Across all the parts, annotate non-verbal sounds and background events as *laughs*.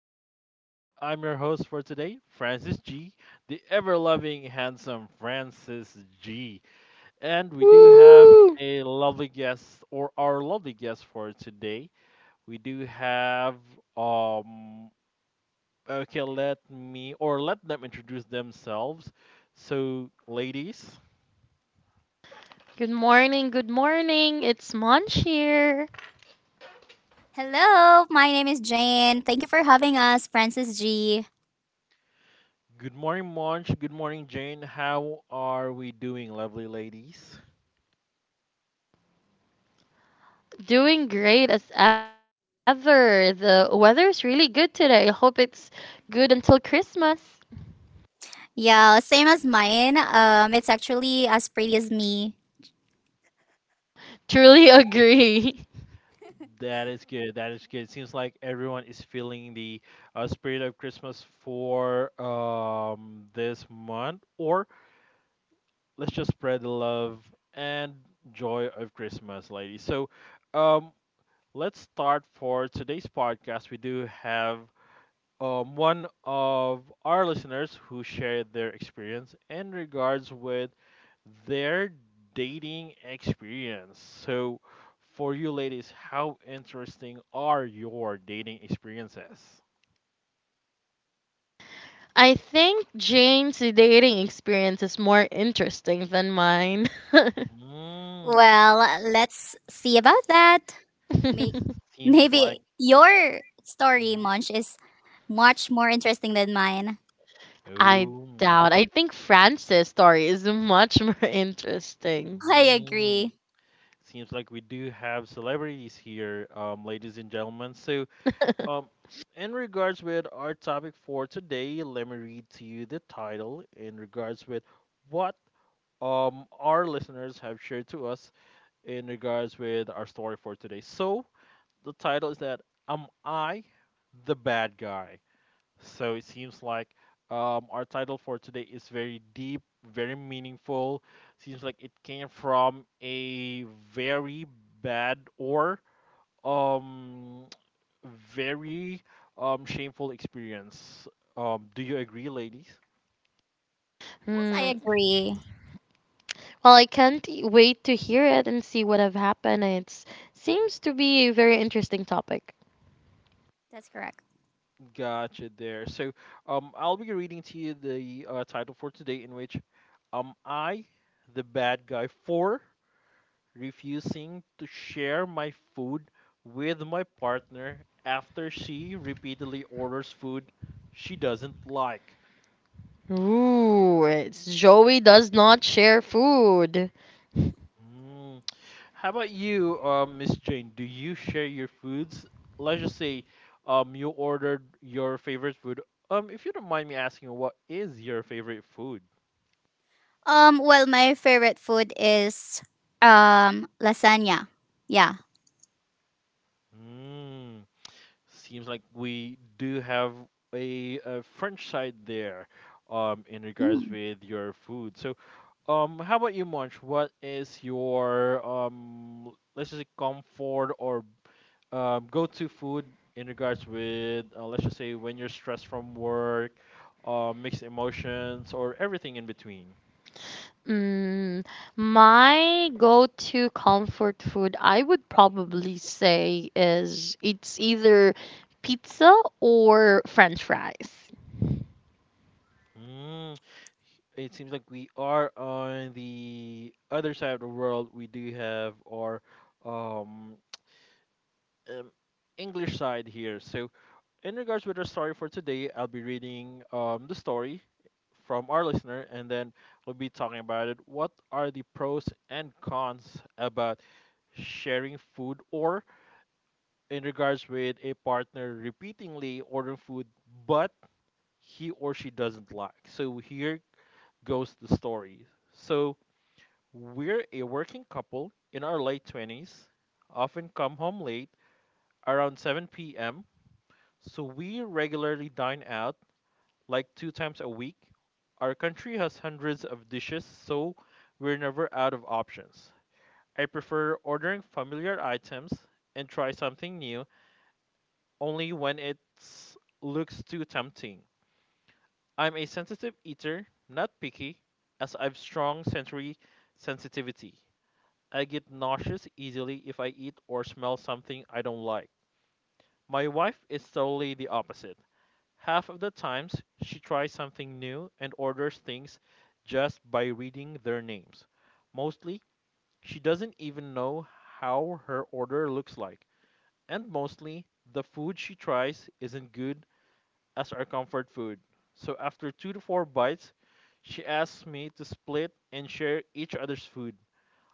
to the Hideout. I'm your host for today, Francis G, the ever loving, handsome Francis G. And we do have Woo! a lovely guest, or our lovely guest for today. We do have, um, okay, let me, or let them introduce themselves. So, ladies, Good morning, good morning. It's Munch here. Hello, my name is Jane. Thank you for having us, Francis G. good morning, Monch. Good morning, Jane. How are we doing, lovely ladies? Doing great as ever. The weather is really good today. I hope it's good until Christmas. Yeah, same as mine. It's actually as pretty as me. Truly agree. That is good. That is good. Seems like everyone is feeling the spirit of Christmas for this month, or let's just spread the love and joy of Christmas, ladies. So, um, let's start for today's podcast. We do have one of our listeners who shared their experience in regards with their dating experience. So, for you ladies, how interesting are your dating experiences? *laughs* I think Jane's dating experience is more interesting than mine. Mm, Well, let's see about that. May- *laughs* seems like. Maybe your story, Mhm. Munch, is much more interesting than mine. I Ooh. doubt. I think Frances' story is much more interesting. I Mm. agree. Seems like we do have celebrities here, ladies and gentlemen. So, *laughs* Um, in regards with our topic for today, let me read to you the title in regards with what our listeners have shared to us in regards with our story for today. So the title is that am I the bad guy? So it seems like our title for today is very deep, very meaningful. Seems like it came from a very bad or um very shameful experience. Do you agree, ladies? Yes, I Hmm, agree. well, I can't wait to hear it and see what have happened. It seems to be a very interesting topic. That's correct. Gotcha there. So I'll be reading to you the title for today, in which I, the bad guy, for refusing to share my food with my partner after she repeatedly orders food she doesn't like. Ooh, it's Joey does not share food. Hmm. How about you, Miss Jane? Do you share your foods? Let's just say, you ordered your favorite food. If you don't mind me asking, what is your favorite food? Well, my favorite food is lasagna. Yeah. Mm, seems like we do have a French side there, in regards Hmm. with your food. So, how about you, Munch? What is your let's just say comfort or go-to food in regards with let's just say when you're stressed from work, mixed emotions, or everything in between. Mm, my go-to comfort food, I would probably say, is it's either pizza or French fries. Mm. It seems like we are on the other side of the world. We do have our um, um, English side here. So in regards with our story for today, I'll be reading the story from our listener, and then we'll be talking about it. What are the pros and cons about sharing food or in regards with a partner repeatedly ordering food but he or she doesn't like. So here goes the story. So we're a working couple in our late 20s, often come home late around 7 p.m. So we regularly dine out like 2 times a week. Our country has hundreds of dishes, so we're never out of options. I prefer ordering familiar items and try something new only when it looks too tempting. I'm a sensitive eater, not picky, as I've strong sensory sensitivity. I get nauseous easily if I eat or smell something I don't like. My wife is totally the opposite. Half of the times, she tries something new and orders things just by reading their names. Mostly, she doesn't even know how her order looks like. And mostly, the food she tries isn't good as our comfort food. So after 2 to 4 bites, she asks me to split and share each other's food.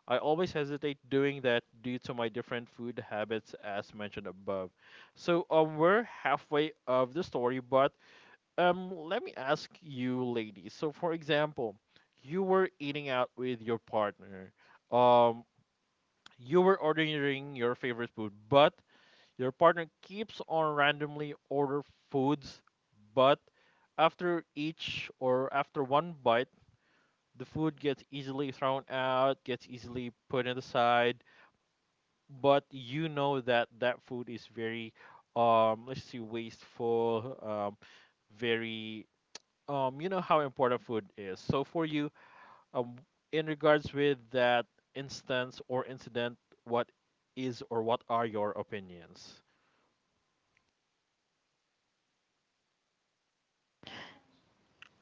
I always hesitate doing that due to my different food habits as mentioned above. So we're halfway of the story, but let me ask you, ladies. So for example, you were eating out with your partner. Um, you were ordering your favorite food, but your partner keeps on randomly order foods, but after each or after one bite, the food gets easily thrown out, gets easily put in the side, but you know that that food is very let's see wasteful, very you know how important food is. So for you, um in regards with that instance or incident, what is or what are your opinions?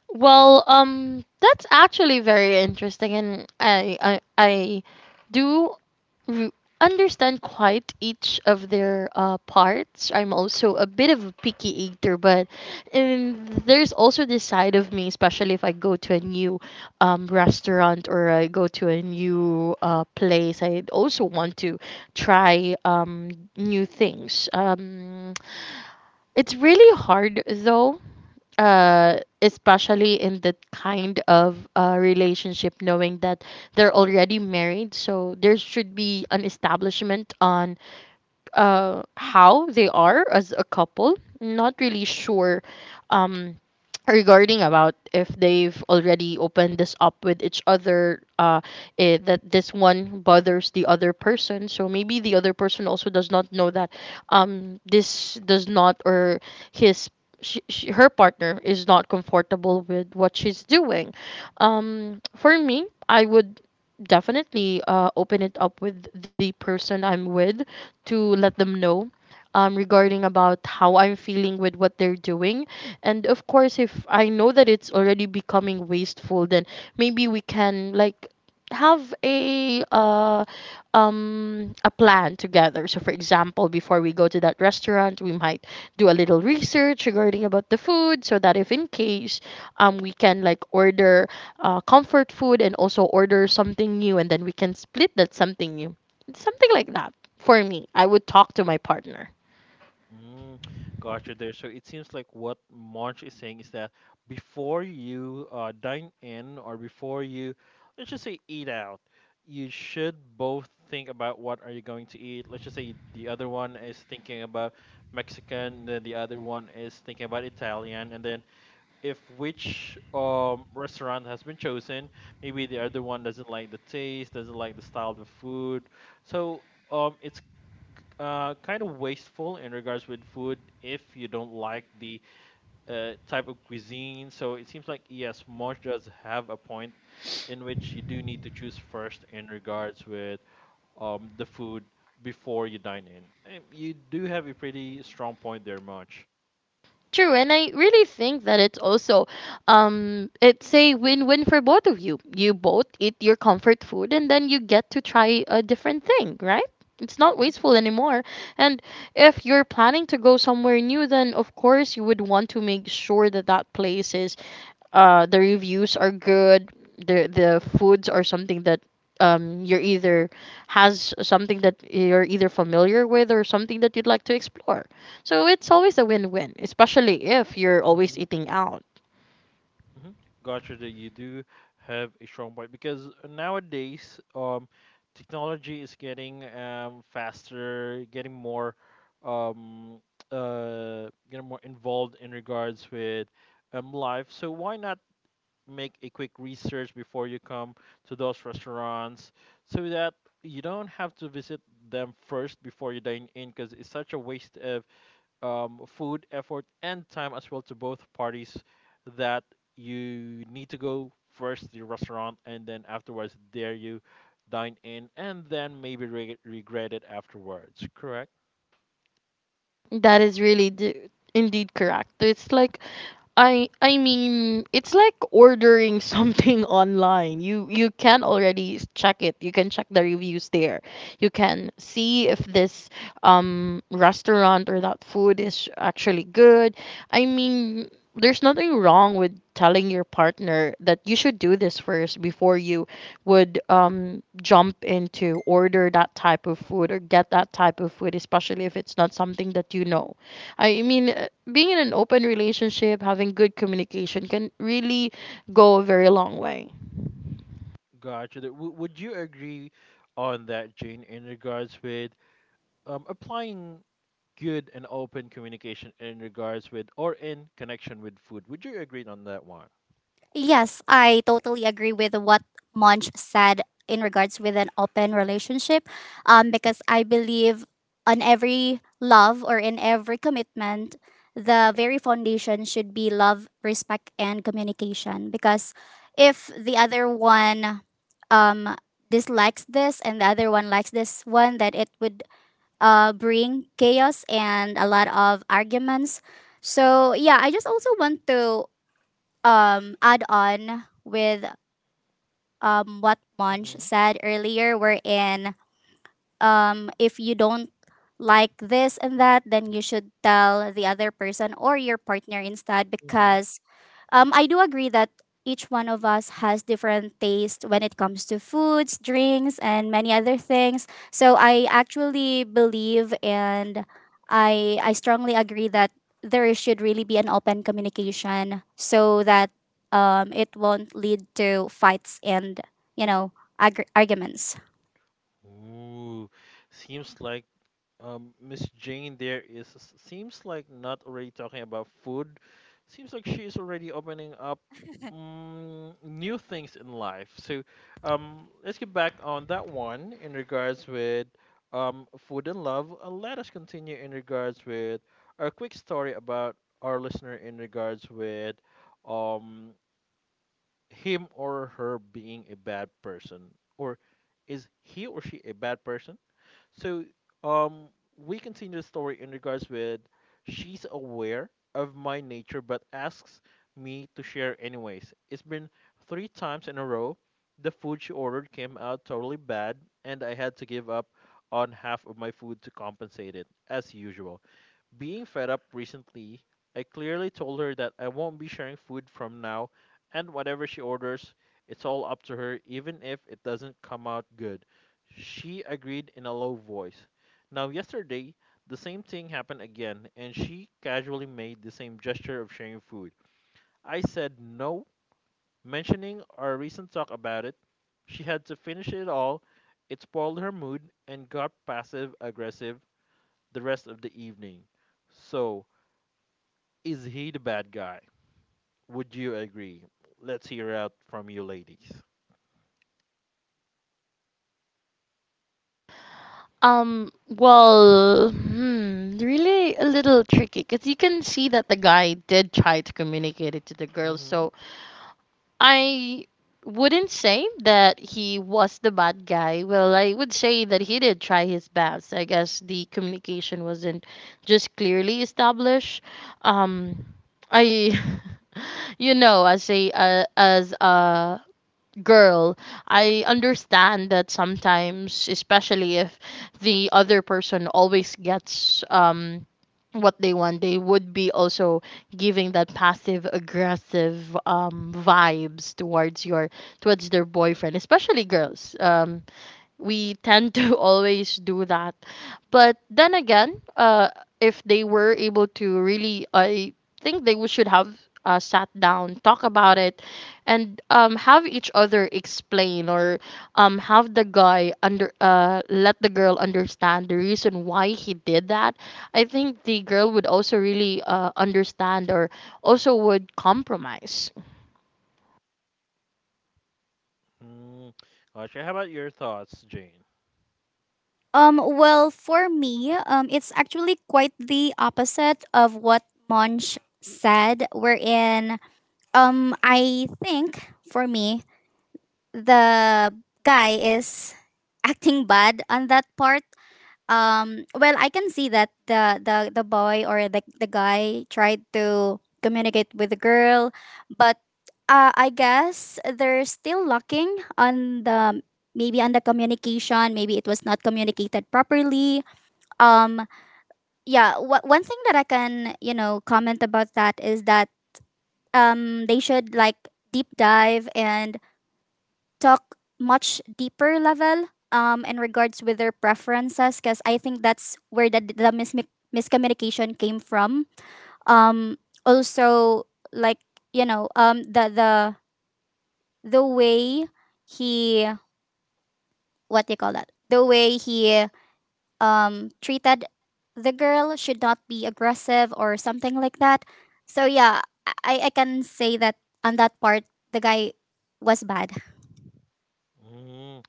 Well, that's actually very interesting, and I do re- understand quite each of their parts. I'm also a bit of a picky eater, but there's also this side of me, especially if I go to a new restaurant or I go to a new place, I also want to try new things. It's really hard though especially in that kind of relationship, knowing that they're already married, so there should be an establishment on how they are as a couple. Not really sure um, regarding about if they've already opened this up with each other that this one bothers the other person, so maybe the other person also does not know that this does not, or his her partner is not comfortable with what she's doing. For me, I would definitely open it up with the person I'm with to let them know, regarding about how I'm feeling with what they're doing. And of course, if I know that it's already becoming wasteful, then maybe we can like have a plan together. So for example, before we go to that restaurant, we might do a little research regarding about the food, so that if in case we can like order comfort food and also order something new, and then we can split that something new, something like that. For me, I would talk to my partner. Mm, gotcha there. So it seems like what March is saying is that before you dine in or before you, let's just say eat out, you should both think about what are you going to eat. Let's just say the other one is thinking about Mexican, then the other one is thinking about Italian, and then if which restaurant has been chosen, maybe the other one doesn't like the taste, doesn't like the style of the food. So it's kind of wasteful in regards with food if you don't like the type of cuisine. So it seems like yes, Mosh does have a point in which you do need to choose first in regards with the food before you dine in. You do have a pretty strong point there, Mosh. True, and I really think that it's also it's a win-win for both of you. You both eat your comfort food, and then you get to try a different thing, right? It's not wasteful anymore. And if you're planning to go somewhere new, then of course you would want to make sure that that place is the reviews are good, the foods are something that you're either has something that you're either familiar with, or something that you'd like to explore. So it's always a win-win, especially if you're always eating out. Mm-hmm. Gotcha that you do have a strong point because nowadays, technology is getting faster, um, getting more involved in regards with life. So why not make a quick research before you come to those restaurants so that you don't have to visit them first before you dine in because it's such a waste of food, effort, and time as well to both parties that you need to go first the restaurant and then afterwards there you dine in and then maybe regret it afterwards. Correct? That is really indeed correct. It's like I mean, it's like ordering *laughs* something online. You can already check it. You can check the reviews there. You can see if this restaurant or that food is actually good. I mean, there's nothing wrong with telling your partner that you should do this first before you would jump into order that type of food or get that type of food, especially if it's not something that you know. I mean, being in an open relationship, having good communication can really go a very long way. Gotcha. Would you agree on that, Jane, in regards with applying good and open communication in regards with or in connection with food? Would you agree on that one? Yes, I totally agree with what Monch said in regards with an open relationship, because I believe on every love or in every commitment, the very foundation should be love, respect, and communication. Because if the other one um, dislikes this and the other one likes this one, that it would bring chaos and a lot of arguments. So yeah, I just also want to add on with what Monch Mm-hmm. said earlier, wherein if you don't like this and that, then you should tell the other person or your partner instead, Mm-hmm. because I do agree that each one of us has different taste when it comes to foods, drinks, and many other things. So I actually believe and I strongly agree that there should really be an open communication so that it won't lead to fights and, you know, arguments. Ooh, seems like Miss Jane there is seems like not already talking about food. Seems like she is already opening up new things in life. So, let's get back on that one in regards with food and love. Let us continue in regards with our quick story about our listener in regards with um him or her being a bad person or is he or she a bad person? So um, we continue the story in regards with she's aware of my nature but asks me to share anyways. It's been 3 times in a row. The food she ordered came out totally bad, and I had to give up on half of my food to compensate it, as usual. Being fed up recently, I clearly told her that I won't be sharing food from now, and whatever she orders, it's all up to her, even if it doesn't come out good. She agreed in a low voice. Now, yesterday, the same thing happened again, and she casually made the same gesture of sharing food. I said no, mentioning our recent talk about it. She had to finish it all. It spoiled her mood and got passive aggressive the rest of the evening. So, is he the bad guy? Would you agree? Let's hear out from you ladies. Well, hmm, really a little tricky, because you can see that the guy did try to communicate it to the girl. Mm-hmm. So, I wouldn't say that he was the bad guy. Well, I would say that he did try his best. I guess the communication wasn't just clearly established. Um, I, *laughs* you know, as a girl, I understand that sometimes, especially if the other person always gets what they want, they would be also giving that passive aggressive vibes towards your towards their boyfriend. Especially girls, we tend to *laughs* always do that. But then again, if they were able to really, I think they should have sat down, talk about it, and have each other explain, or have the guy under let the girl understand the reason why he did that. I think the girl would also really understand, or also would compromise. Mm. Gotcha. How about your thoughts, Jane? Well, for me, it's actually quite the opposite of what Monch said. Wherein I think for me, the guy is acting bad on that part. Well, I can see that the boy or the guy tried to communicate with the girl, but I guess they're still lacking on the, maybe on the communication. Maybe it was not communicated properly. Um, yeah. One thing that I can, you know, comment about that is that they should like deep dive and talk much deeper level in regards with their preferences, because I think that's where the miscommunication came from. um Also, like, you know, the way he, what do you call that, the way he treated the girl should not be aggressive or something like that. So yeah, I can say that on that part the guy was bad. Mm.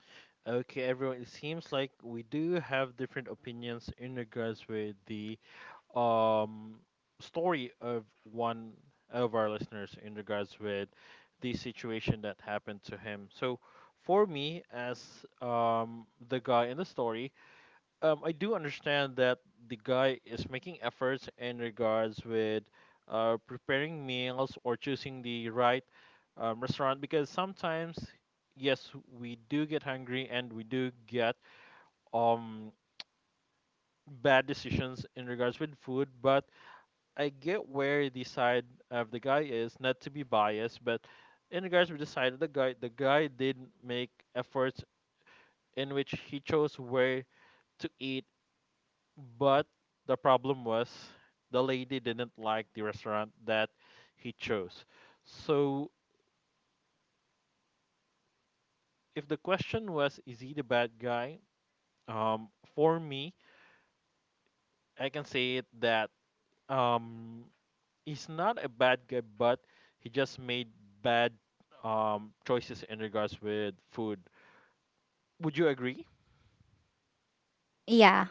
Okay, everyone. It seems like we do have different opinions in regards with the um story of one of our listeners in regards with the situation that happened to him. So, for me, as the guy in the story, I do understand that the guy is making efforts in regards with preparing meals or choosing the right restaurant because sometimes, yes, we do get hungry and we do get um bad decisions in regards with food. But I get where the side of the guy is, not to be biased, but in regards with the side of the guy did make efforts in which he chose where to eat. But the problem was the lady didn't like the restaurant that he chose. So if the question was, is he the bad guy? Um, for me, I can say it that um, he's not a bad guy, but he just made bad choices in regards with food. Would you agree? Yeah.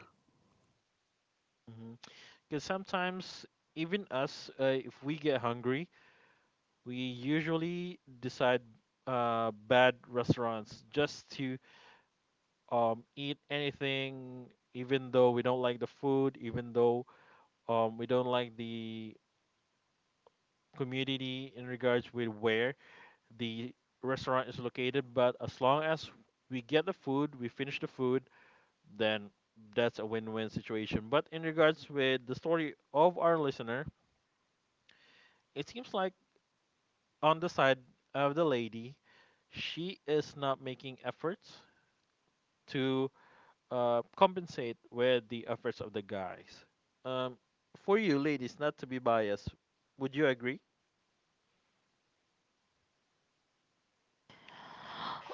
Because sometimes even us, if we get hungry, we usually decide bad restaurants just to eat anything, even though we don't like the food, even though we don't like the community in regards with where the restaurant is located. But as long as we get the food, we finish the food, then that's a win-win situation. But in regards with the story of our listener, it seems like on the side of the lady, she is not making efforts to compensate with the efforts of the guys. Um, for you ladies, not to be biased, would you agree?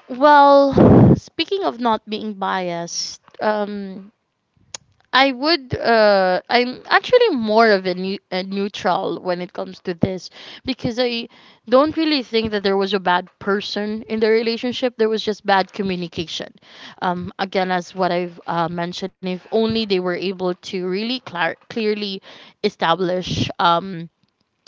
Well, *sighs* speaking of not being biased, I would I'm actually more of a, a neutral when it comes to this, because I don't really think that there was a bad person in the relationship. There was just bad communication. Again, as what I've mentioned, if only they were able to really clearly establish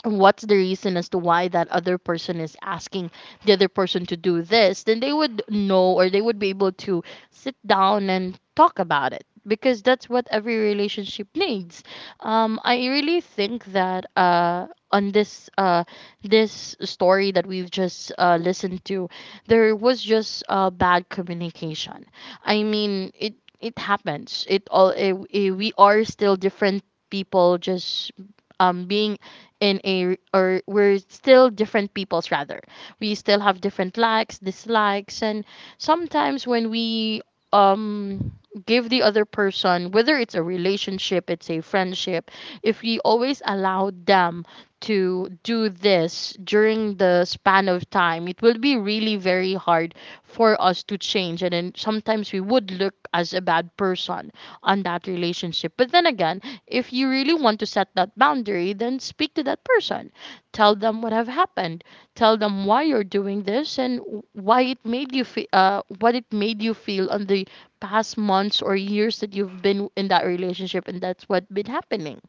what's the reason as to why that other person is asking the other person to do this, then they would know, or they would be able to sit down and talk about it, because that's what every relationship needs. I really think that on this story that we've just listened to, there was just bad communication. I mean, it happens. It all, we are still different people, just being in a, or we're still different peoples rather, we still have different likes, dislikes, and sometimes when we um give the other person, whether it's a relationship, it's a friendship, if we always allow them to do this during the span of time, it will be really very hard for us to change, and then sometimes we would look as a bad person on that relationship. But then again, if you really want to set that boundary, then speak to that person. Tell them what have happened. Tell them why you're doing this, and why it made you feel, what it made you feel on the past months or years that you've been in that relationship, and that's what been happening.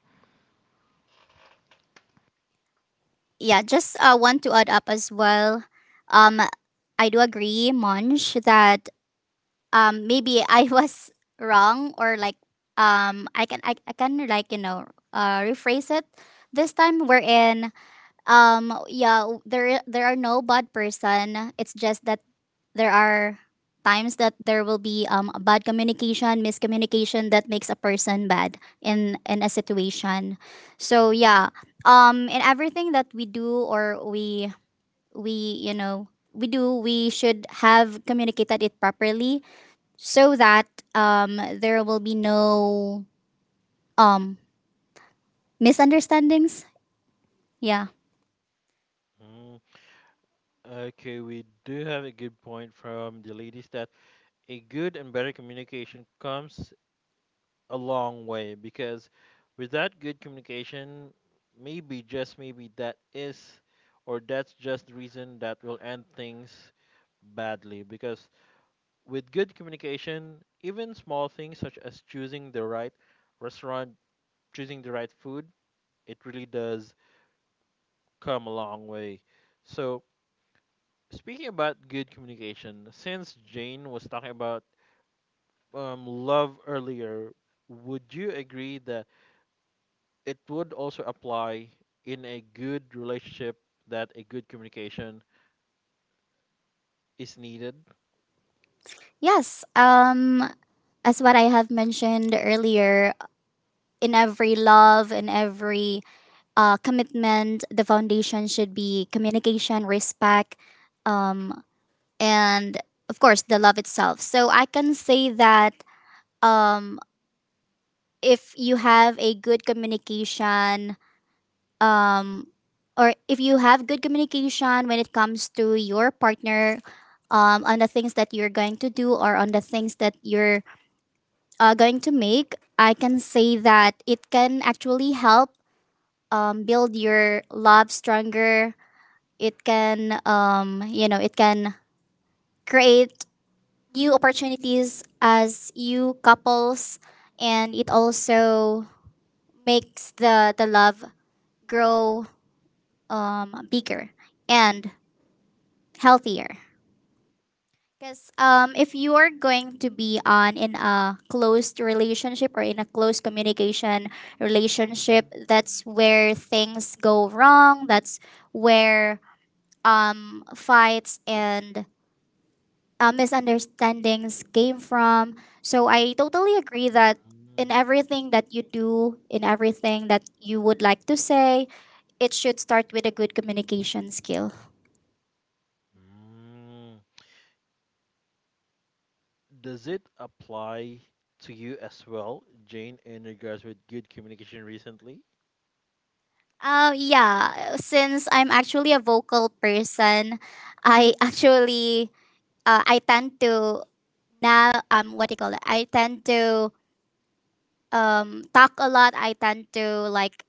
Yeah, just want to add up as well. Um I do agree, Monch, that maybe *laughs* I was wrong, or like, I can, I can, like, you know, rephrase it this time, wherein yeah, there are no bad person. It's just that there are times that there will be a bad communication, miscommunication that makes a person bad in a situation. So yeah, in everything that we do, or we, you know, we do, we should have communicated it properly so that there will be no um misunderstandings. Yeah. Mm, okay, we do have a good point from the ladies that a good and better communication comes a long way because without good communication, maybe just maybe that is or that's just the reason that will end things badly because with good communication, even small things such as choosing the right restaurant, choosing the right food, it really does come a long way. So, speaking about good communication, since Jane was talking about love earlier, would you agree that it would also apply in a good relationship that a good communication is needed? Yes. As what I have mentioned earlier, in every love, in every commitment, the foundation should be communication, respect, um, and of course, the love itself. So I can say that um, if you have a good communication, um, or if you have good communication when it comes to your partner on the things that you're going to do or on the things that you're going to make, I can say that it can actually help build your love stronger. It can, you know, it can create new opportunities as you couples, and it also makes the love grow bigger and healthier. Because if you are going to be on in a closed relationship or in a close communication relationship, that's where things go wrong. That's where fights and misunderstandings came from. So I totally agree that Mm, in everything that you do, in everything that you would like to say, it should start with a good communication skill. mm. Does it apply to you as well, Jane, in regards with good communication recently? Yeah, since I'm actually a vocal person, I *laughs* actually, I tend to now, what do you call it? I tend to talk a lot. I tend to, like,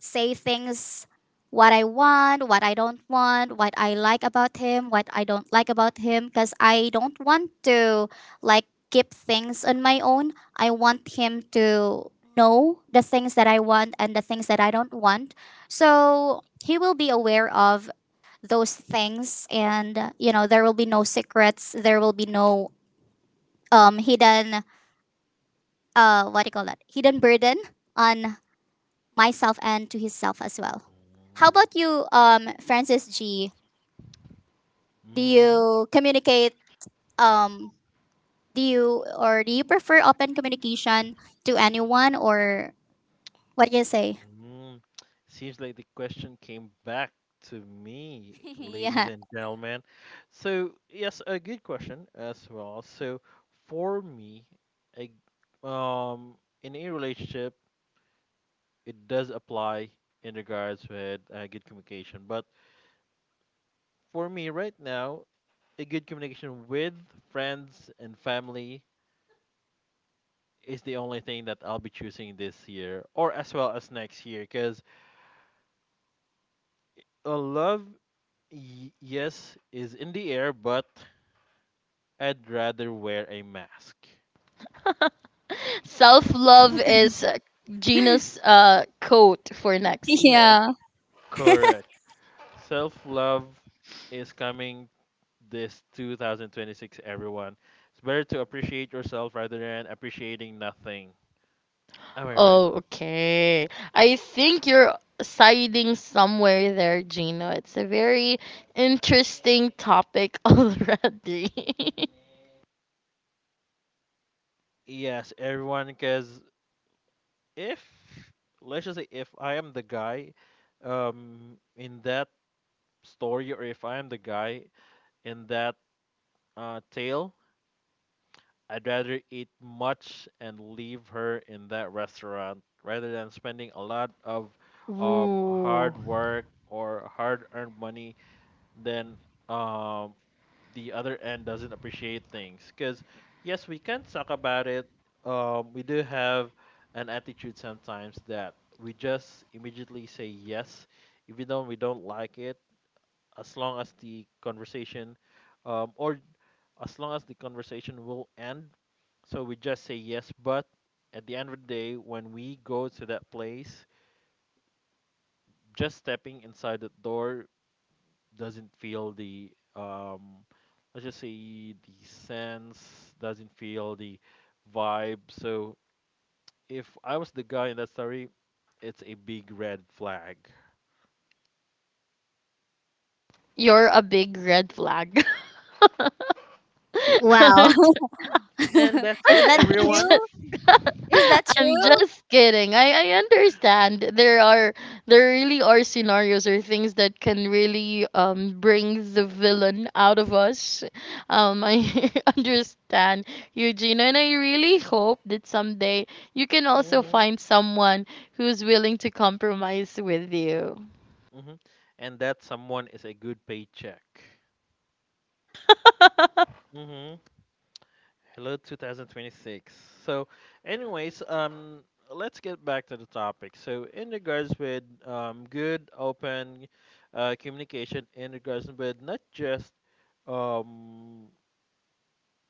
say things what I want, what I don't want, what I like about him, what I don't like about him, because I don't want to, like, keep things on my own. I want him to know the things that I want and the things that I don't want. So he will be aware of those things, and you know, there will be no secrets. There will be no hidden, what do you call that, hidden burden on myself and to himself as well. How about you, Francis G? Do Mm-hmm. you communicate? Um, do you, or do you prefer open communication to anyone, or what do you say? Mm-hmm. Seems like the question came back to me, *laughs* ladies Yeah, and gentlemen. So, yes, a good question as well. So, for me, I, um, in a relationship, it does apply in regards with good communication. But for me right now, a good communication with friends and family is the only thing that I'll be choosing this year or as well as next year because a love yes is in the air, but I'd rather wear a mask. *laughs* Self love is Gina's quote for next year. yeah. Correct. Self-love is coming this 2026, everyone. It's better to appreciate yourself rather than appreciating nothing. Am I right? Oh, okay. I think you're siding somewhere there, Gino. It's a very interesting topic *laughs* already. Yes, everyone, because if let's just say if I am the guy in that story, or if I am the guy in that tale, I'd rather eat much and leave her in that restaurant rather than spending a lot of *laughs* Ooh. hard work or hard earned money then um the other end doesn't appreciate things. Because, yes, we can talk about it. We do have an attitude sometimes that we just immediately say yes, even though we don't like it, as long as the conversation, or as long as the conversation will end. So we just say yes, but at the end of the day, when we go to that place, just stepping inside the door doesn't feel the let's just say the sense doesn't feel the vibe. So if I was the guy in that story, it's a big red flag. You're a big red flag. Wow, *laughs* *laughs* And that's is it, *laughs* that I'm everyone. just true? *laughs* Is that I'm true? just kidding. I understand there are there really are scenarios or things that can really bring the villain out of us. Um, I *laughs* understand Eugenia, and I really hope that someday you can also Mm-hmm, find someone who's willing to compromise with you. mm-hmm. And that someone is a good paycheck. *laughs* Mm-hmm. Hello 2026. So, anyways, let's get back to the topic. So, in regards with good open communication, in regards with not just um,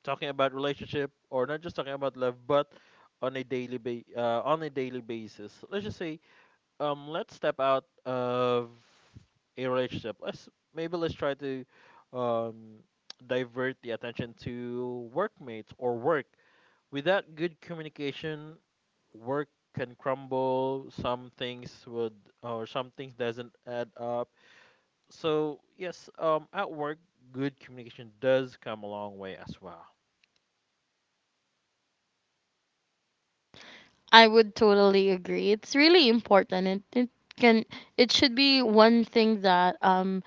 talking about relationship or not just talking about love, but on a on a daily basis. Let's just say, let's step out of a relationship. Let's maybe let's try to um, divert the attention to workmates or work. Without good communication, work can crumble. Some things would, or some things doesn't add up. So yes, at work, good communication does come a long way as well. I would totally agree. It's really important. It can it should be one thing that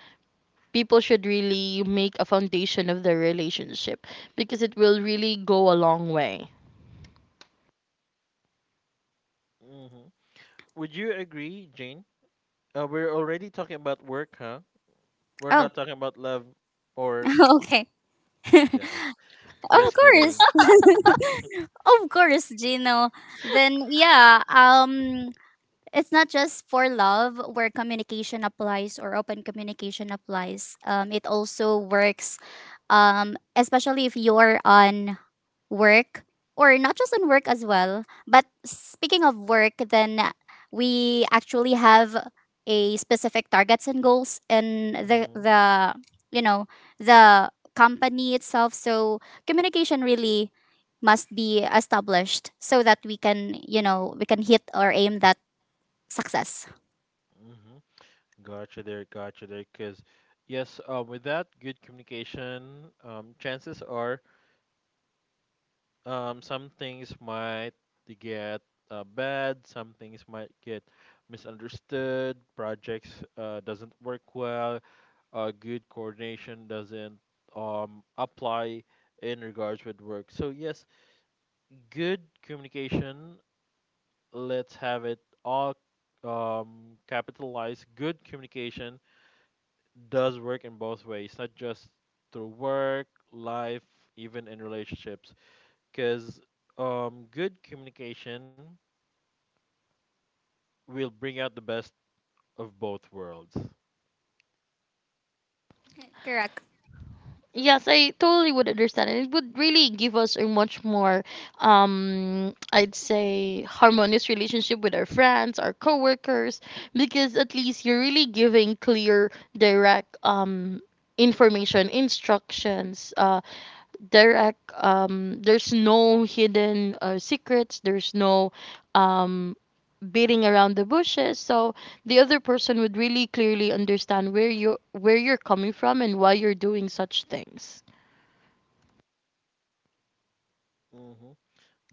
people should really make a foundation of their relationship, because it will really go a long way. Hmm. Would you agree, Jane? We're already talking about work, huh? We're Oh, not talking about love or *laughs* okay. yes. Of Just kidding. course, *laughs* of course, Gino. Then yeah. It's not just for love where communication applies or open communication applies. It also works, especially if you're on work or not just on work as well. But speaking of work, then we actually have a specific targets and goals in the Mm-hmm. the you know, the company itself. So communication really must be established so that we can, you know, we can hit or aim that success. Mm-hmm. Gotcha there. Gotcha there. Because yes, without good communication, chances are some things might get bad, some things might get misunderstood, projects doesn't work well, good coordination doesn't apply in regards with work. So yes, good communication, let's have it all capitalized. Good communication does work in both ways, not just through work life, even in relationships, because good communication will bring out the best of both worlds. *laughs* Correct. Yes, I totally would understand, and it would really give us a much more, I'd say, harmonious relationship with our friends, our coworkers, because at least you're really giving clear, direct, information, instructions, direct. There's no hidden secrets, there's no um beating around the bushes, so the other person would really clearly understand where you where you're coming from and why you're doing such things. Mm-hmm.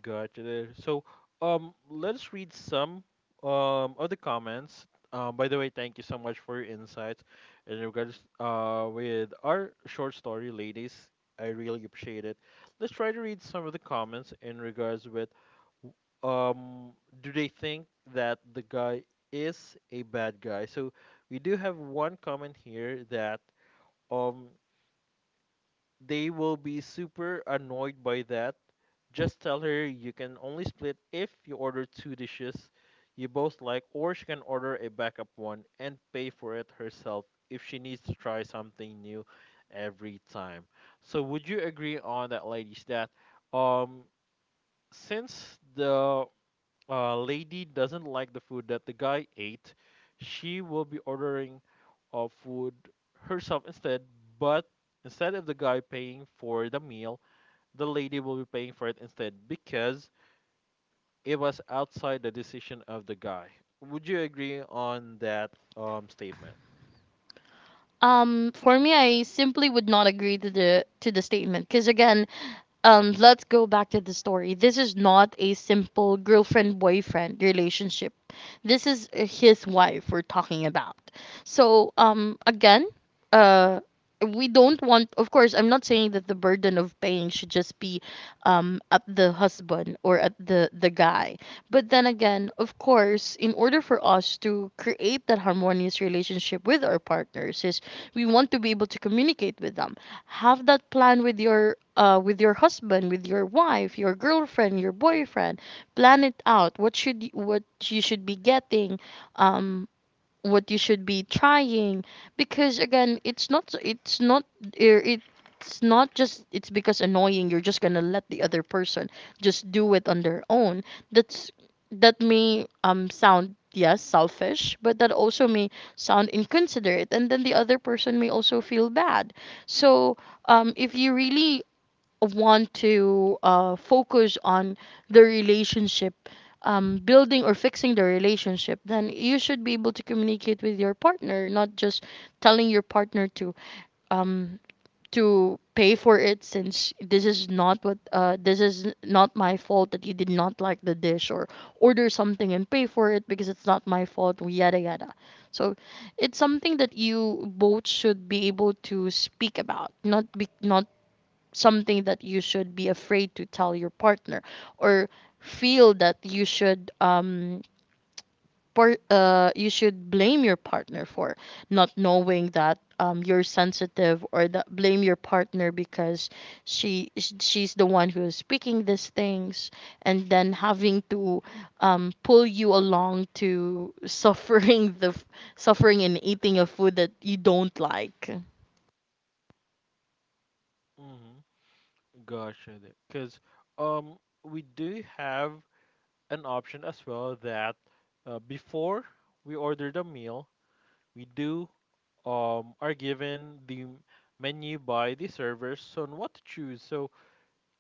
Gotcha there. So, let's read some other comments. By the way, thank you so much for your insights in regards with our short story, ladies. I really appreciate it. Let's try to read some of the comments in regards with w- um do they think that the guy is a bad guy? So we do have one comment here that um they will be super annoyed by that. Just tell her you can only split if you order two dishes you both like, or she can order a backup one and pay for it herself if she needs to try something new every time. So, would you agree on that, ladies? That um, since the lady doesn't like the food that the guy ate, she will be ordering food herself instead. But instead of the guy paying for the meal, the lady will be paying for it instead because it was outside the decision of the guy. Would you agree on that statement? For me, I simply would not agree to the statement, because again, let's go back to the story. This is not a simple girlfriend boyfriend relationship. This is his wife we're talking about. So, again, uh, we don't want, of course, I'm not saying that the burden of paying should just be at the husband, or at the guy. But then again, of course, in order for us to create that harmonious relationship with our partners, is we want to be able to communicate with them. Have that plan with your husband, with your wife, your girlfriend, your boyfriend. Plan it out, what you should be getting, um what you should be trying, because again, it's not just it's because annoying, you're just gonna let the other person just do it on their own. That's that may sound, yes, selfish, but that also may sound inconsiderate, and then the other person may also feel bad. So if you really want to focus on the relationship, building or fixing the relationship, then you should be able to communicate with your partner, not just telling your partner um, to pay for it, since this is not what this is not my fault that you did not like the dish, or order something and pay for it because it's not my fault, yada yada. So it's something that you both should be able to speak about, not be, not something that you should be afraid to tell your partner, or feel that you should you should blame your partner for not knowing that you're sensitive, or that blame your partner because she's the one who is speaking these things, and then having to pull you along to suffering suffering and eating a food that you don't like. Mm-hmm. Gotcha. Because um, we do have an option as well that before we order the meal, we do are given the menu by the servers on what to choose. So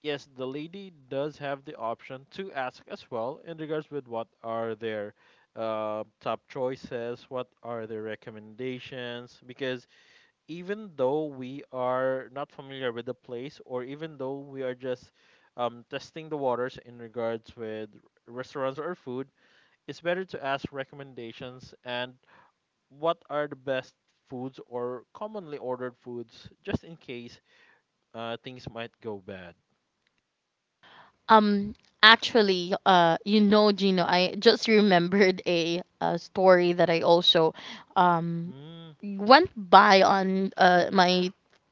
yes, the lady does have the option to ask as well in regards with what are their top choices, what are their recommendations, because even though we are not familiar with the place, or even though we are just testing the waters in regards with restaurants or food, it's better to ask recommendations and what are the best foods or commonly ordered foods just in case things might go bad? Um, actually, you know, Gino, I just remembered a story that I also um Mm, went by on my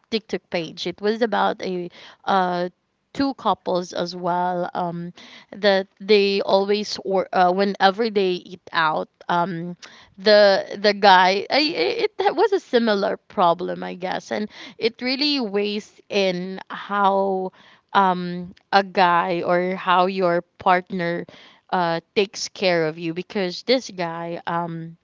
TikTok page. It was about a uh two couples as well, that they always or whenever they eat out, the guy, I- it that was a similar problem, I guess. And it really weighs in how a guy or how your partner takes care of you, because this guy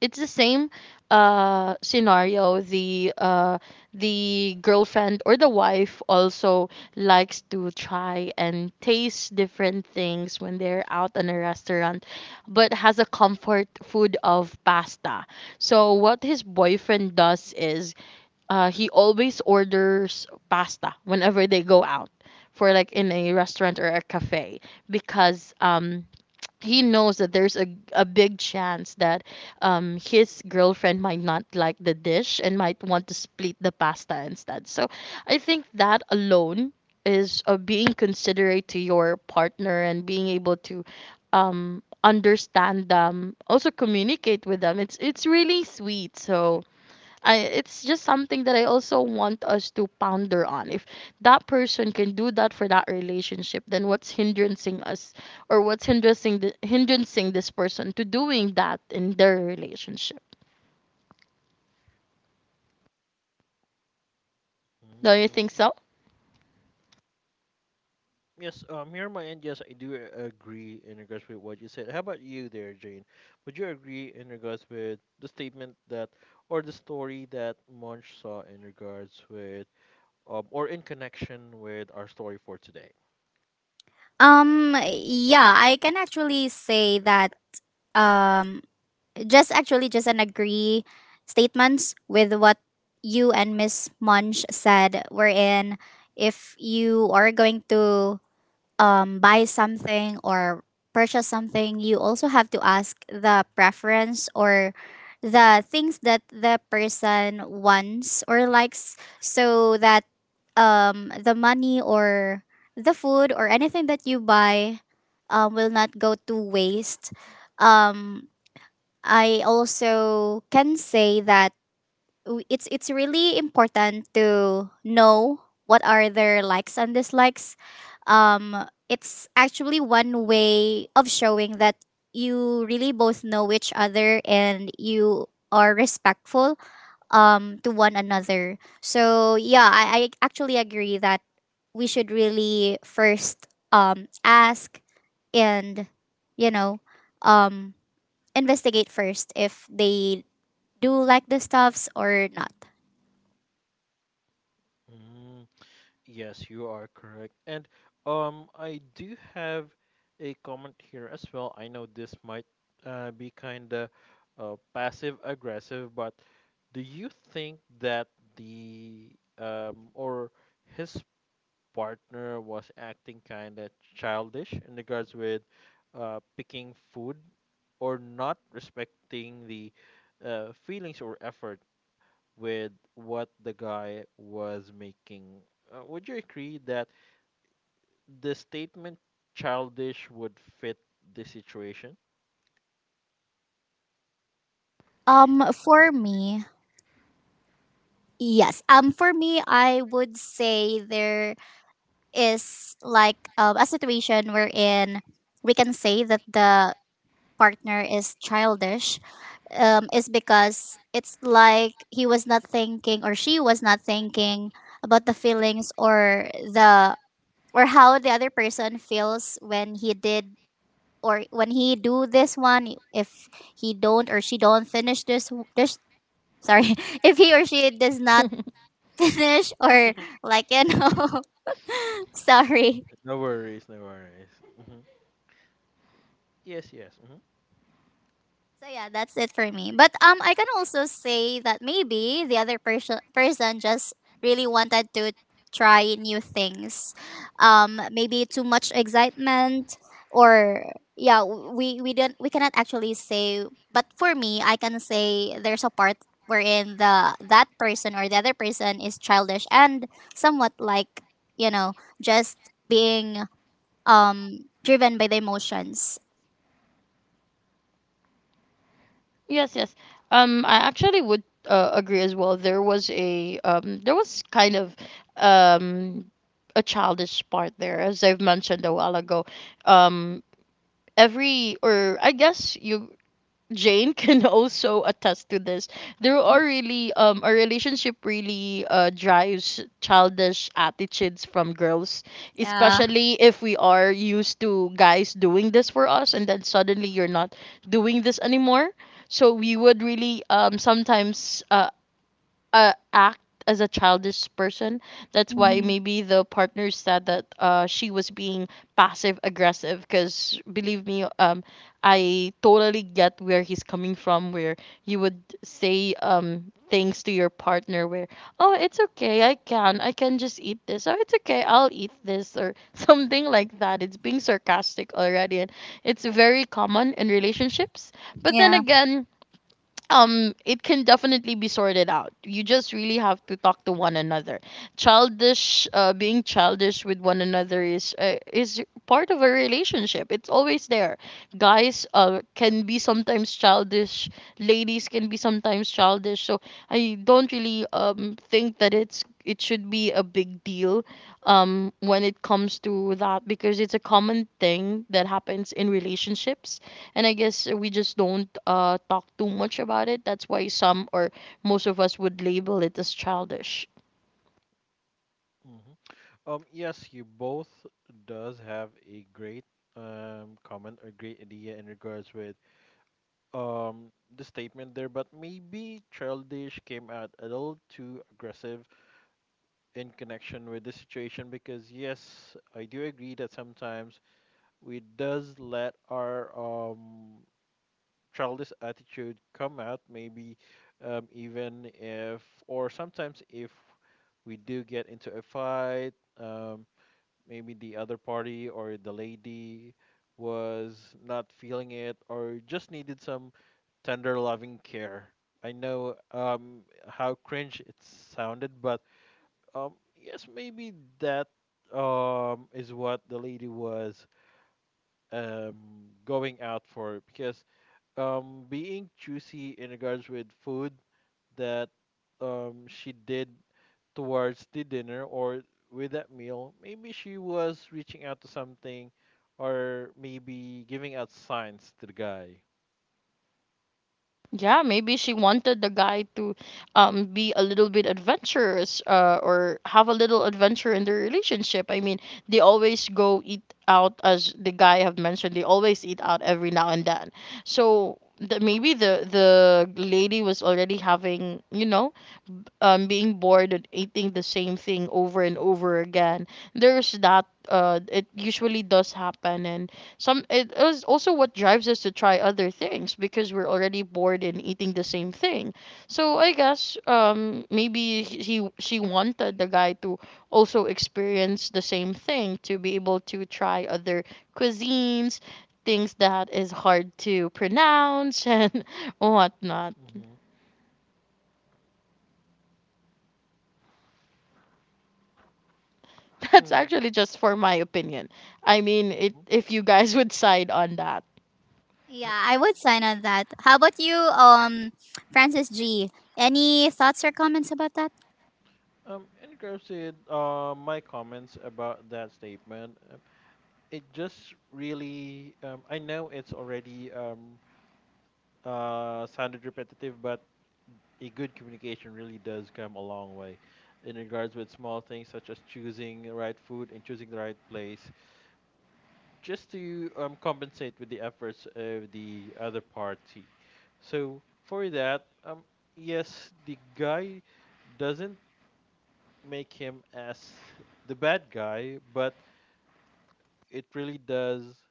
it's the same scenario. The girlfriend or the wife also likes to try and taste different things when they're out in a restaurant, but has a comfort food of pasta. So what his boyfriend does is, he always orders pasta whenever they go out, for like in a restaurant or a cafe, because, *tsk* he knows that there's a big chance that, his girlfriend might not like the dish and might want to split the pasta instead. So I think that alone is, being considerate to your partner and being able to, understand them, also communicate with them. It's really sweet. So I it's just something that I also want us to ponder on. If that person can do that for that relationship, then what's hindering us, or what's hindering this person to doing that in their relationship? Don't you mm. think so? *laughs* Yes, here on my end, yes, I do agree in regards with what you said. How about you there, Jane? Would you agree in regards with the statement that, or the story that Munch saw in regards with, or in connection with our story for today? Yeah, I can actually say that um just actually just an agree statements with what you and Miss Munch said, wherein if you are going to buy something or purchase something, you also have to ask the preference or the things that the person wants or likes so that the money or the food or anything that you buy will not go to waste. Um, I also can say that it's really important to know what are their likes and dislikes. It's actually one way of showing that you really both know each other and you are respectful to one another. So yeah, I actually agree that we should really first ask and, you know, um, investigate first if they do like the stuffs or not. Mm. Yes, you are correct. And I do have a comment here as well. I know this might be kind of passive aggressive, but do you think that the or his partner was acting kind of childish in regards with picking food or not respecting the feelings or effort with what the guy was making. Would you agree that the statement childish would fit the situation? For me, yes. For me, I would say there is like a situation wherein we can say that the partner is childish, is because it's like he was not thinking or she was not thinking about the feelings or the, or how the other person feels when he did or when he do this one, if he don't or she don't finish this sorry, *laughs* if he or she does not finish or, *laughs* like, you Mm, know, *laughs* sorry. no worries, no worries. Hmm. Yes, yes. Hmm. So yeah, that's it for me. But I can also say that maybe the other person just really wanted to try new things. Maybe too much excitement, or, yeah, we don't, we cannot actually say. But for me, I can say there's a part wherein the that person or the other person is childish and somewhat, like, you know, just being um driven by the emotions. Yes, yes. I actually would, agree as well. There was kind of, um, a childish part there, as I've mentioned a while ago. Um, every or I guess you Jane can *laughs* also attest to this. There are really a relationship really drives childish attitudes from girls, Yeah. especially if we are used to guys doing this for us and then suddenly you're not doing this anymore. So we would really, sometimes, act as a childish person. That's why Mhm. maybe the partner said that, she was being passive aggressive. Because believe me, I totally get where he's coming from. Where you would say, things to your partner where, oh, it's okay, I can just eat this. Oh, it's okay, I'll eat this, or *laughs* something like that. It's being sarcastic already, and it's very common in relationships. But then Yeah. again, it can definitely be sorted out. You just really have to talk to one another. Childish uh, being childish with one another is part of a relationship. It's always there. Guys, can be sometimes childish. Ladies can be sometimes childish, so I don't really, think that it should be a big deal, when it comes to that, because it's a common thing that happens in relationships, and I guess we just don't, talk too much about it. That's why some or most of us would label it as childish. Hmm. Yes, you both does have a great comment or great idea in regards with um the statement there, but maybe childish came out a little too aggressive in connection with the situation because yes, I do agree that sometimes we does let our childish attitude come out, maybe even if or sometimes if we do get into a fight, um, maybe the other party or the lady was not feeling it or just needed some tender loving care. I know how cringe it sounded, but um, yes, maybe that is what the lady was um going out for, because being choosy in regards with food that she did towards the dinner or with that meal, maybe she was reaching out to something or maybe giving out signs to the guy. Yeah, maybe she wanted the guy to, be a little bit adventurous, or have a little adventure in their relationship. I mean, they always go eat out, as the guy have mentioned. They always eat out every now and then. So maybe the lady was already having, you know, being bored and eating the same thing over and over again. There's that, it usually does happen, and some it is also what drives us to try other things, because we're already bored and eating the same thing. So I guess, maybe he she wanted the guy to also experience the same thing, to be able to try other cuisines, things that is hard to pronounce *laughs* and whatnot. Mm-hmm. That's Mm-hmm. actually just for my opinion. I mean, it if you guys would side on that. Yeah, I would sign on that. How about you, Francis G? Any thoughts or comments about that? In regards to my comments about that statement, it just really I know it's already sounded repetitive, but a good communication really does come a long way in regards with small things such as choosing the right food and choosing the right place just to compensate with the efforts of the other party. So for that, yes, the guy doesn't make him as the bad guy, but it really does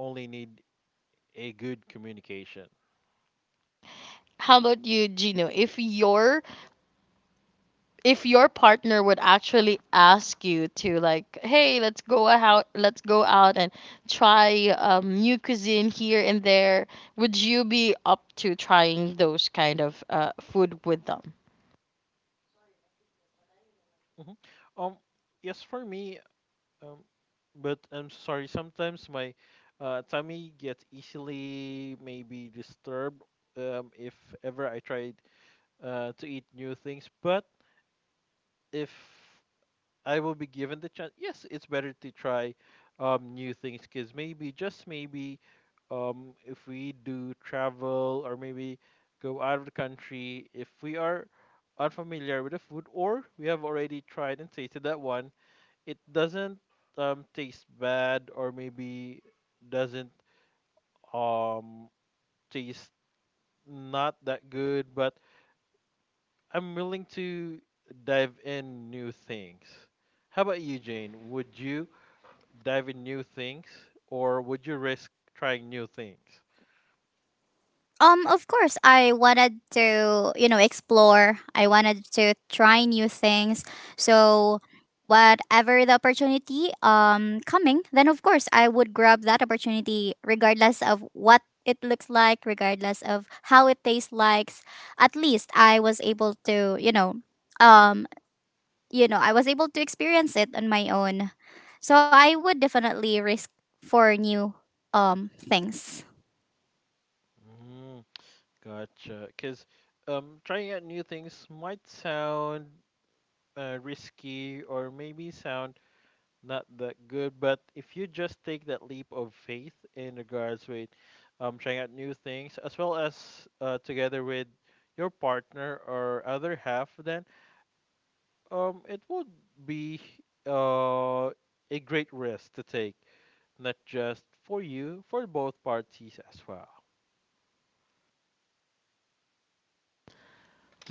only need a good communication. How about you, Gino? If your partner would actually ask you to, like, hey, let's go out and try, new cuisine here and there, would you be up to trying those kind of, food with them? Hmm. Um, yes, for me, um, but I'm sorry, sometimes my tummy gets easily maybe disturbed if ever I tried to eat new things. But if I will be given the chance, yes, it's better to try new things because maybe, just maybe, if we do travel or maybe go out of the country, if we are unfamiliar with the food or we have already tried and tasted that one, it doesn't taste bad or maybe doesn't um taste not that good, but I'm willing to dive in new things. How about you, Jane? Would you dive in new things or would you risk trying new things? Of course, I wanted to, you know, explore. I wanted to try new things. So, whatever the opportunity coming, then of course I would grab that opportunity regardless of what it looks like, regardless of how it tastes like. At least I was able to, um, you know, I was able to experience it on my own. So I would definitely risk for new things. Mm, gotcha. Because trying out new things might sound risky or maybe sound not that good. But if you just take that leap of faith in regards with trying out new things, as well as together with your partner or other half, then it would be uh, a great risk to take, not just for you, for both parties as well.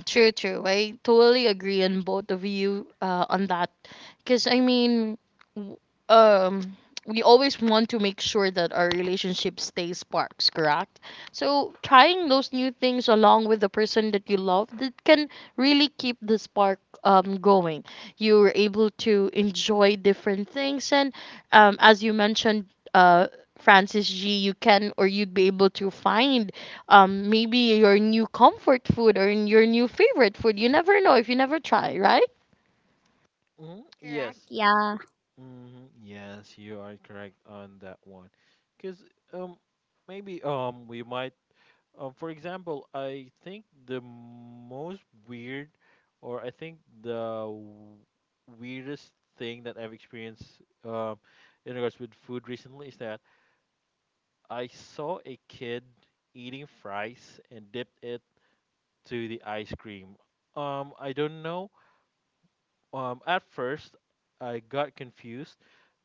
True, true. I totally agree on both of you, on that. Because, I mean, w- um, we always want to make sure that our relationship stays sparks, correct? So, trying those new things along with the person that you love, that can really keep the spark, going. You're able to enjoy different things. And, as you mentioned, uh, Francis G, you can or you'd be able to find, maybe your new comfort food or your new favorite food. You never know if you never try, right? Mhm. Correct. Yes, yes. Yeah. Hmm. Yes, you are correct on that one. Because um, maybe we might. For example, I think the most weird, or I think the weirdest thing that I've experienced in regards with food recently is that I saw a kid eating fries and dipped it to the ice cream. I don't know. At first, I got confused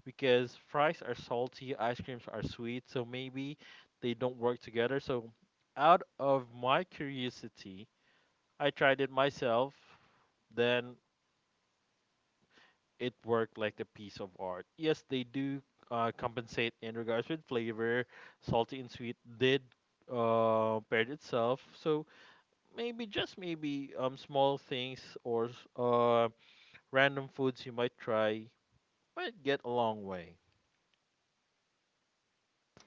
because fries are salty, ice creams are sweet, so maybe they don't work together. So, out of my curiosity, I tried it myself. Then it worked like a piece of art. Yes, they do compensate in regards with flavor. Salty and sweet did paired itself. So maybe just maybe small things or random foods you might try might get a long way.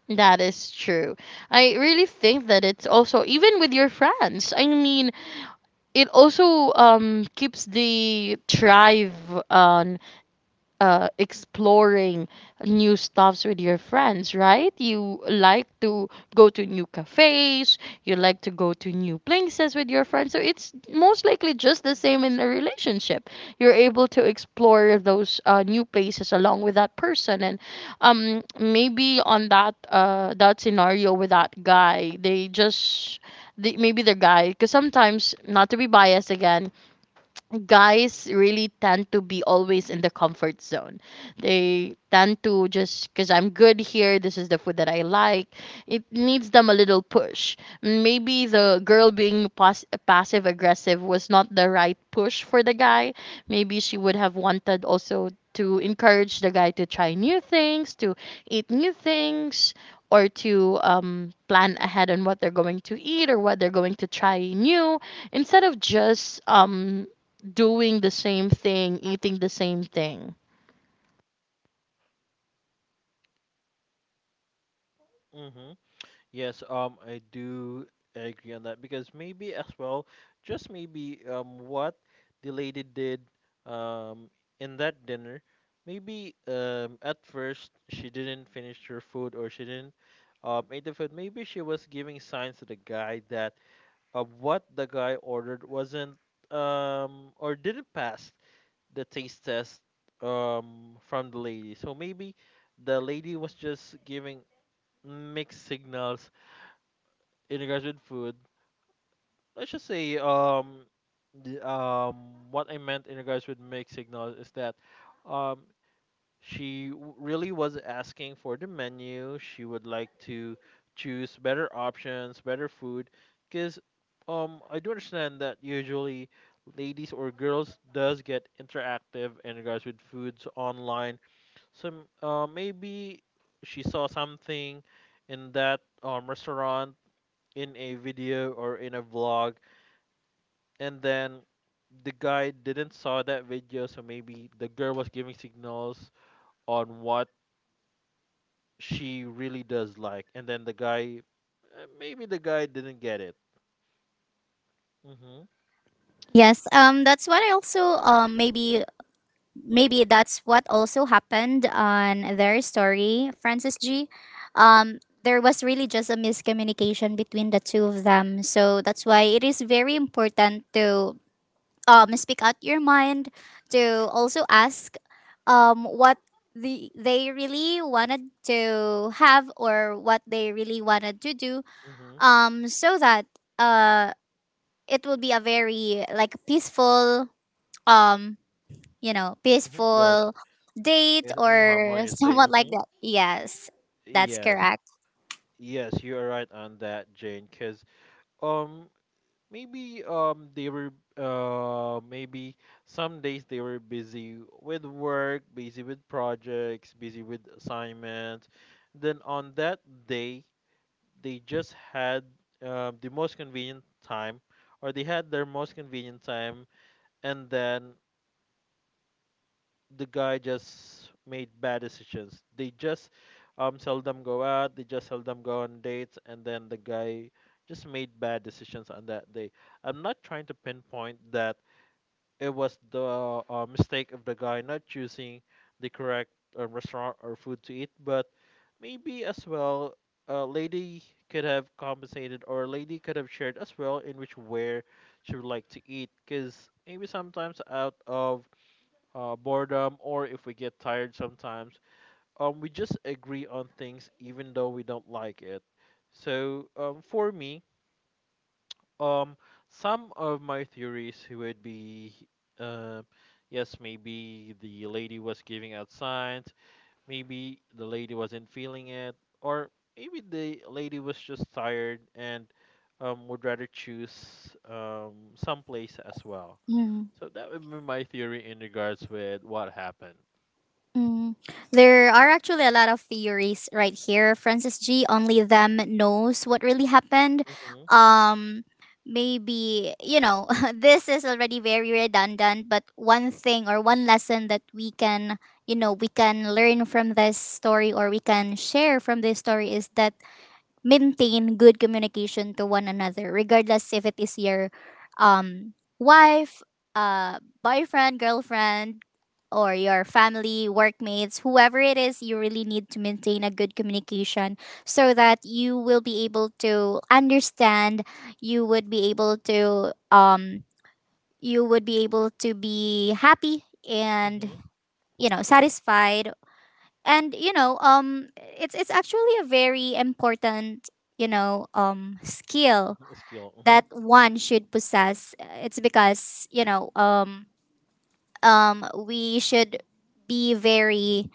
That is true. I really think that it's also even with your friends. I mean, it also, keeps the tribe, uh exploring new stuffs with your friends, right? You like to go to new cafes, you like to go to new places with your friends. So it's most likely just the same in a relationship. You're able to explore those, new places along with that person, and, maybe on that, that scenario with that guy, maybe the guy, because sometimes, not to be biased again, guys really tend to be always in the comfort zone. They tend to just, because I'm good here, this is the food that I like. It needs them a little push. Maybe the girl being, passive aggressive, was not the right push for the guy. Maybe she would have wanted also to encourage the guy to try new things, to eat new things, or to, plan ahead on what they're going to eat or what they're going to try new, instead of just, doing the same thing, eating the same thing. Hmm. Yes, I do agree on that because maybe as well, just maybe, what the lady did, um, in that dinner, maybe, at first she didn't finish her food or she didn't, eat the food. Maybe she was giving signs to the guy that, what the guy ordered wasn't, or didn't pass the taste test, from the lady. So maybe the lady was just giving mixed signals in regards with food, let's just say. What I meant in regards with mixed signals is that um she really was asking for the menu. She would like to choose better options, better food, because I do understand that usually ladies or girls does get interactive in regards with foods online. So maybe she saw something in that restaurant in a video or in a vlog, and then the guy didn't saw that video, so maybe the girl was giving signals on what she really does like, and then the guy, maybe the guy didn't get it mhm Yes, that's what I also, maybe maybe that's what also happened on their story, Francis G. There was really just a miscommunication between the two of them, so that's why it is very important to speak out your mind, to also ask what they really wanted to have or what they really wanted to do, mhm so that uh it will be a very, like, peaceful, um you know, mhm Gotcha. peaceful date, Yes. Mm, or *laughs* harmonious state. somewhat like Mhm, that, yes. That's yes. correct. Yes, you are right on that, Jane, cuz um maybe they were maybe some days they were busy with work, busy with projects, busy with assignments. Then on that day they just had, the most convenient time, or they had their most convenient time, and then the guy just made bad decisions. They just seldom go out, they just seldom go on dates, and then the guy just made bad decisions on that day. I'm not trying to pinpoint that it was the, mistake of the guy not choosing the correct, restaurant or food to eat, but maybe as well, lady could have compensated, or lady could have shared as well in which where she would like to eat, because maybe sometimes out of, boredom, or if we get tired sometimes, we just agree on things even though we don't like it. So for me, um, some of my theories would be, uh, yes, maybe the lady was giving out signs, maybe the lady wasn't feeling it, or maybe the lady was just tired and would rather choose someplace as well. Mm, So that would be my theory in regards with what happened. mm. There are actually a lot of theories right here, Francis G. Only them knows what really happened. Mm-hmm. Um, Maybe, you know, *laughs* this is already very redundant, but one thing or one lesson that we can, you know, we can learn from this story or we can share from this story is that maintain good communication to one another, regardless if it is your um, wife, boyfriend, girlfriend, or your family, workmates, whoever it is. You really need to maintain a good communication so that you will be able to understand, you would be able to you would be able to be happy and, Mm-hmm. you know, satisfied, and, you know, it's actually a very, important you know, skill Hmm, skill. Mm-hmm. that one should possess. It's because, you know, we should be very,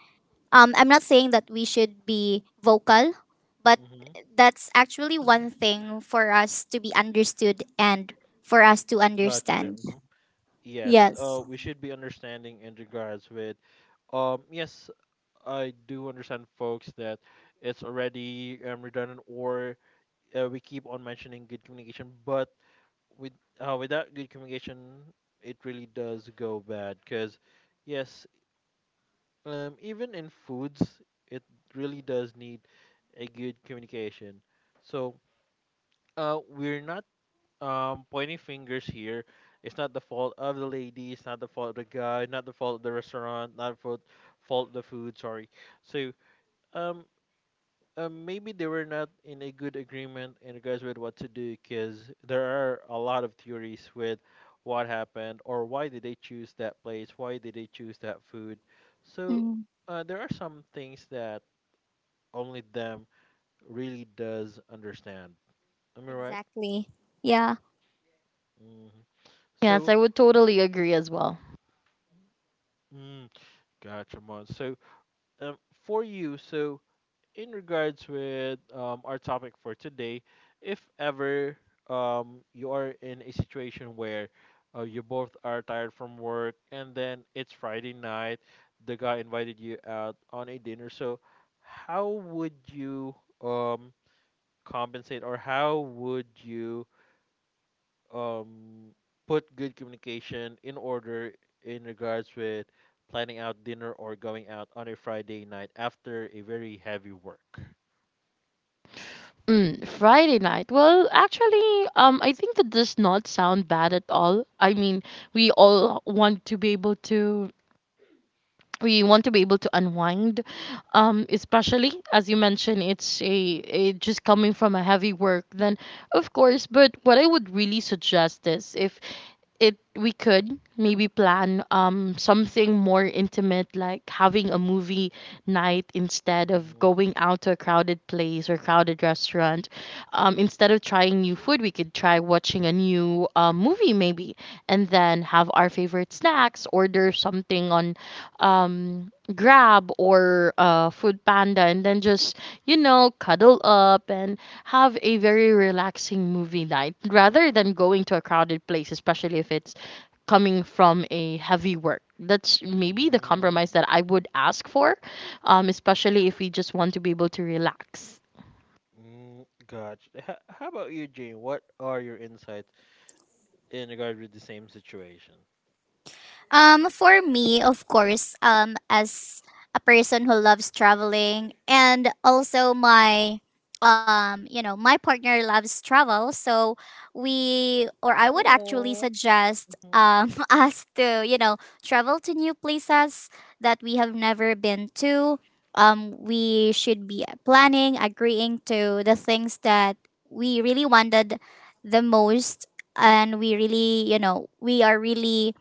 I'm not saying that we should be vocal, but Mm-hmm. that's actually one thing for us to be understood and for us to Gotcha there. understand. Yes, Yes. We should be understanding in regards with, yes, I do understand, folks, that it's already redundant, or we keep on mentioning good communication, but with, without good communication, it really does go bad. Because, yes, even in foods, it really does need a good communication. So, we're not pointing fingers here. It's not the fault of the lady. It's not the fault of the guy. Not the fault of the restaurant. Not the fault of the food. Sorry. So um. Maybe they were not in a good agreement in regards with what to do, because there are a lot of theories with what happened, or why did they choose that place, why did they choose that food. So, Mm, there are some things that only them really does understand, am I right? exactly, yeah. Hmm. Yes, So, I would totally agree as well. mm, gotcha, man. So, um, for you, so in regards with our topic for today, if ever you are in a situation where, you both are tired from work and then it's Friday night, the guy invited you out on a dinner, so how would you um, compensate, or how would you um put good communication in order in regards with planning out dinner or going out on a Friday night after a very heavy work. Mm, Friday night. Well, actually, I think that does not sound bad at all. I mean, we all want to be able to we want to be able to unwind, especially as you mentioned, it's a just coming from a heavy work, then, of course. But what I would really suggest is, if, it we could maybe plan, something more intimate, like having a movie night instead of Mhm, going out to a crowded place or crowded restaurant. Instead of trying new food, we could try watching a new, movie maybe, and then have our favorite snacks, order something on, Grab or, Food Panda, and then just, cuddle up and have a very relaxing movie night, rather than going to a crowded place, especially if it's coming from a heavy work. That's maybe the mhm, compromise that I would ask for, especially if we just want to be able to relax. mm, gotcha. How about you, Jane? What are your insights in regard with the same situation? For me, of course, as a person who loves traveling, and also my, you know, my partner loves travel, so we, or I would actually Oh. suggest Mhm. *laughs* Us to, you know, travel to new places that we have never been to. We should be planning, agreeing to the things that we really wanted the most, and we really, you know, we are really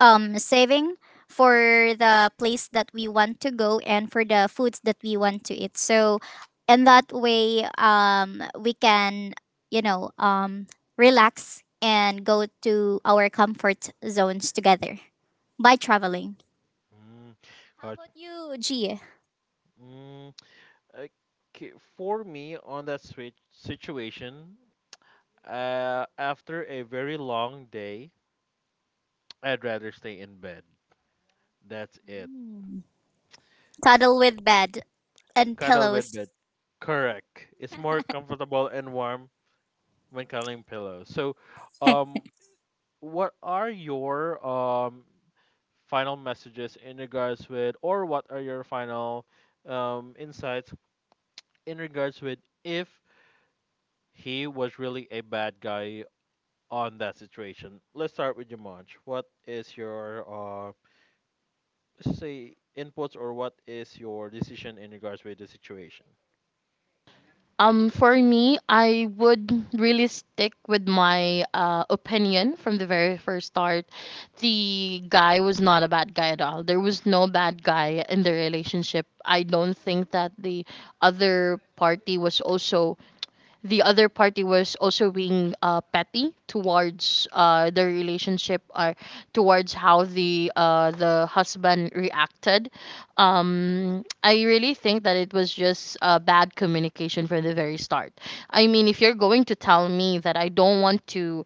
saving for the place that we want to go and for the foods that we want to eat. So in that way, we can, you know, relax and go to our comfort zones together by traveling. Mm, How about gotcha. you, G? Mm, okay. For me, on that switch situation, after a very long day, I'd rather stay in bed. That's it. Mm. Cuddle S- with bed and Cuddle with pillows. bed. Correct. It's more comfortable and warm when cuddling pillows. So, um, what are your final messages in regards with, or what are your final insights in regards with if he was really a bad guy on that situation? Let's start with Jumanj. What is your let's say inputs, or what is your decision in regards with the situation? For me, I would really stick with my, opinion from the very first start. The guy was not a bad guy at all. There was no bad guy in the relationship. I don't think that other party was also the other party was also being, petty towards, the relationship, or towards how the husband reacted. I really think that it was just, bad communication from the very start. I mean, if you're going to tell me that I don't want to,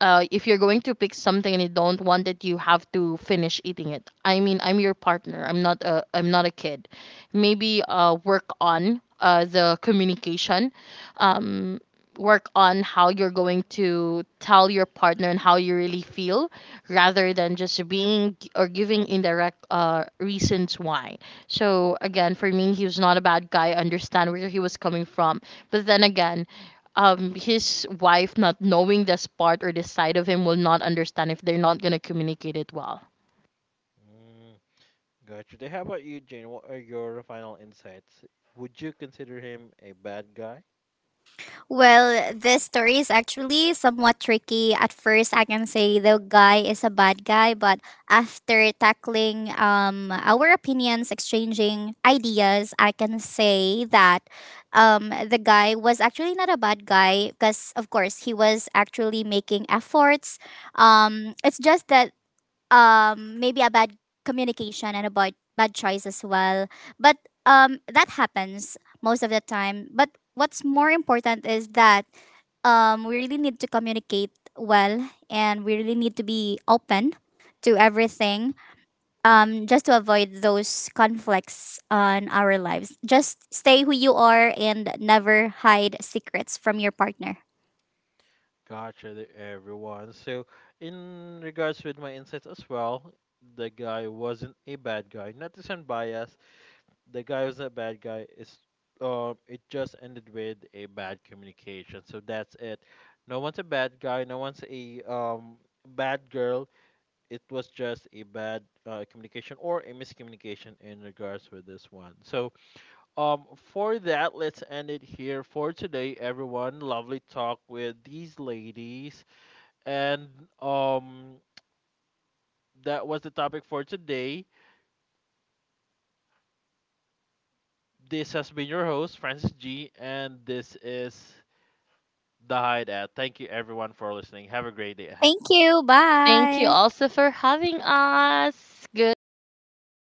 if you're going to pick something and you don't want it, you have to finish eating it. I mean, I'm your partner. I'm not a kid. Maybe, work on, the communication. Um, work on how you're going to tell your partner and how you really feel, rather than just being or giving indirect, reasons why. So again, for me, he was not a bad guy. I understand where he was coming from, but then again, his wife not knowing this part or this side of him will not understand if they're not gonna communicate it well. Mm. Gotcha. Then how about you, Jane? What are your final insights? Would you consider him a bad guy? Well, this story is actually somewhat tricky. At first, I can say the guy is a bad guy, but after tackling our opinions, exchanging ideas, I can say that the guy was actually not a bad guy, because, of course, he was actually making efforts. It's just that maybe a bad communication and about bad choice as well. But that happens most of the time. But what's more important is that we really need to communicate well, and we really need to be open to everything, just to avoid those conflicts on our lives. Just stay who you are and never hide secrets from your partner. Gotcha, everyone. So, in regards with my insights as well, the guy wasn't a bad guy. Not to sound biased, the guy was a bad guy. It's it just ended with a bad communication. So that's it. No one's a bad guy. No one's a bad girl. It was just a bad, communication, or a miscommunication in regards with this one. So, for that, let's end it here for today, everyone. Lovely talk with these ladies, and um, that was the topic for today. This has been your host, Francis G, and this is the Hideout. Thank you, everyone, for listening. Have a great day ahead. Thank you, Thank you bye. also for having us. Good night, everyone.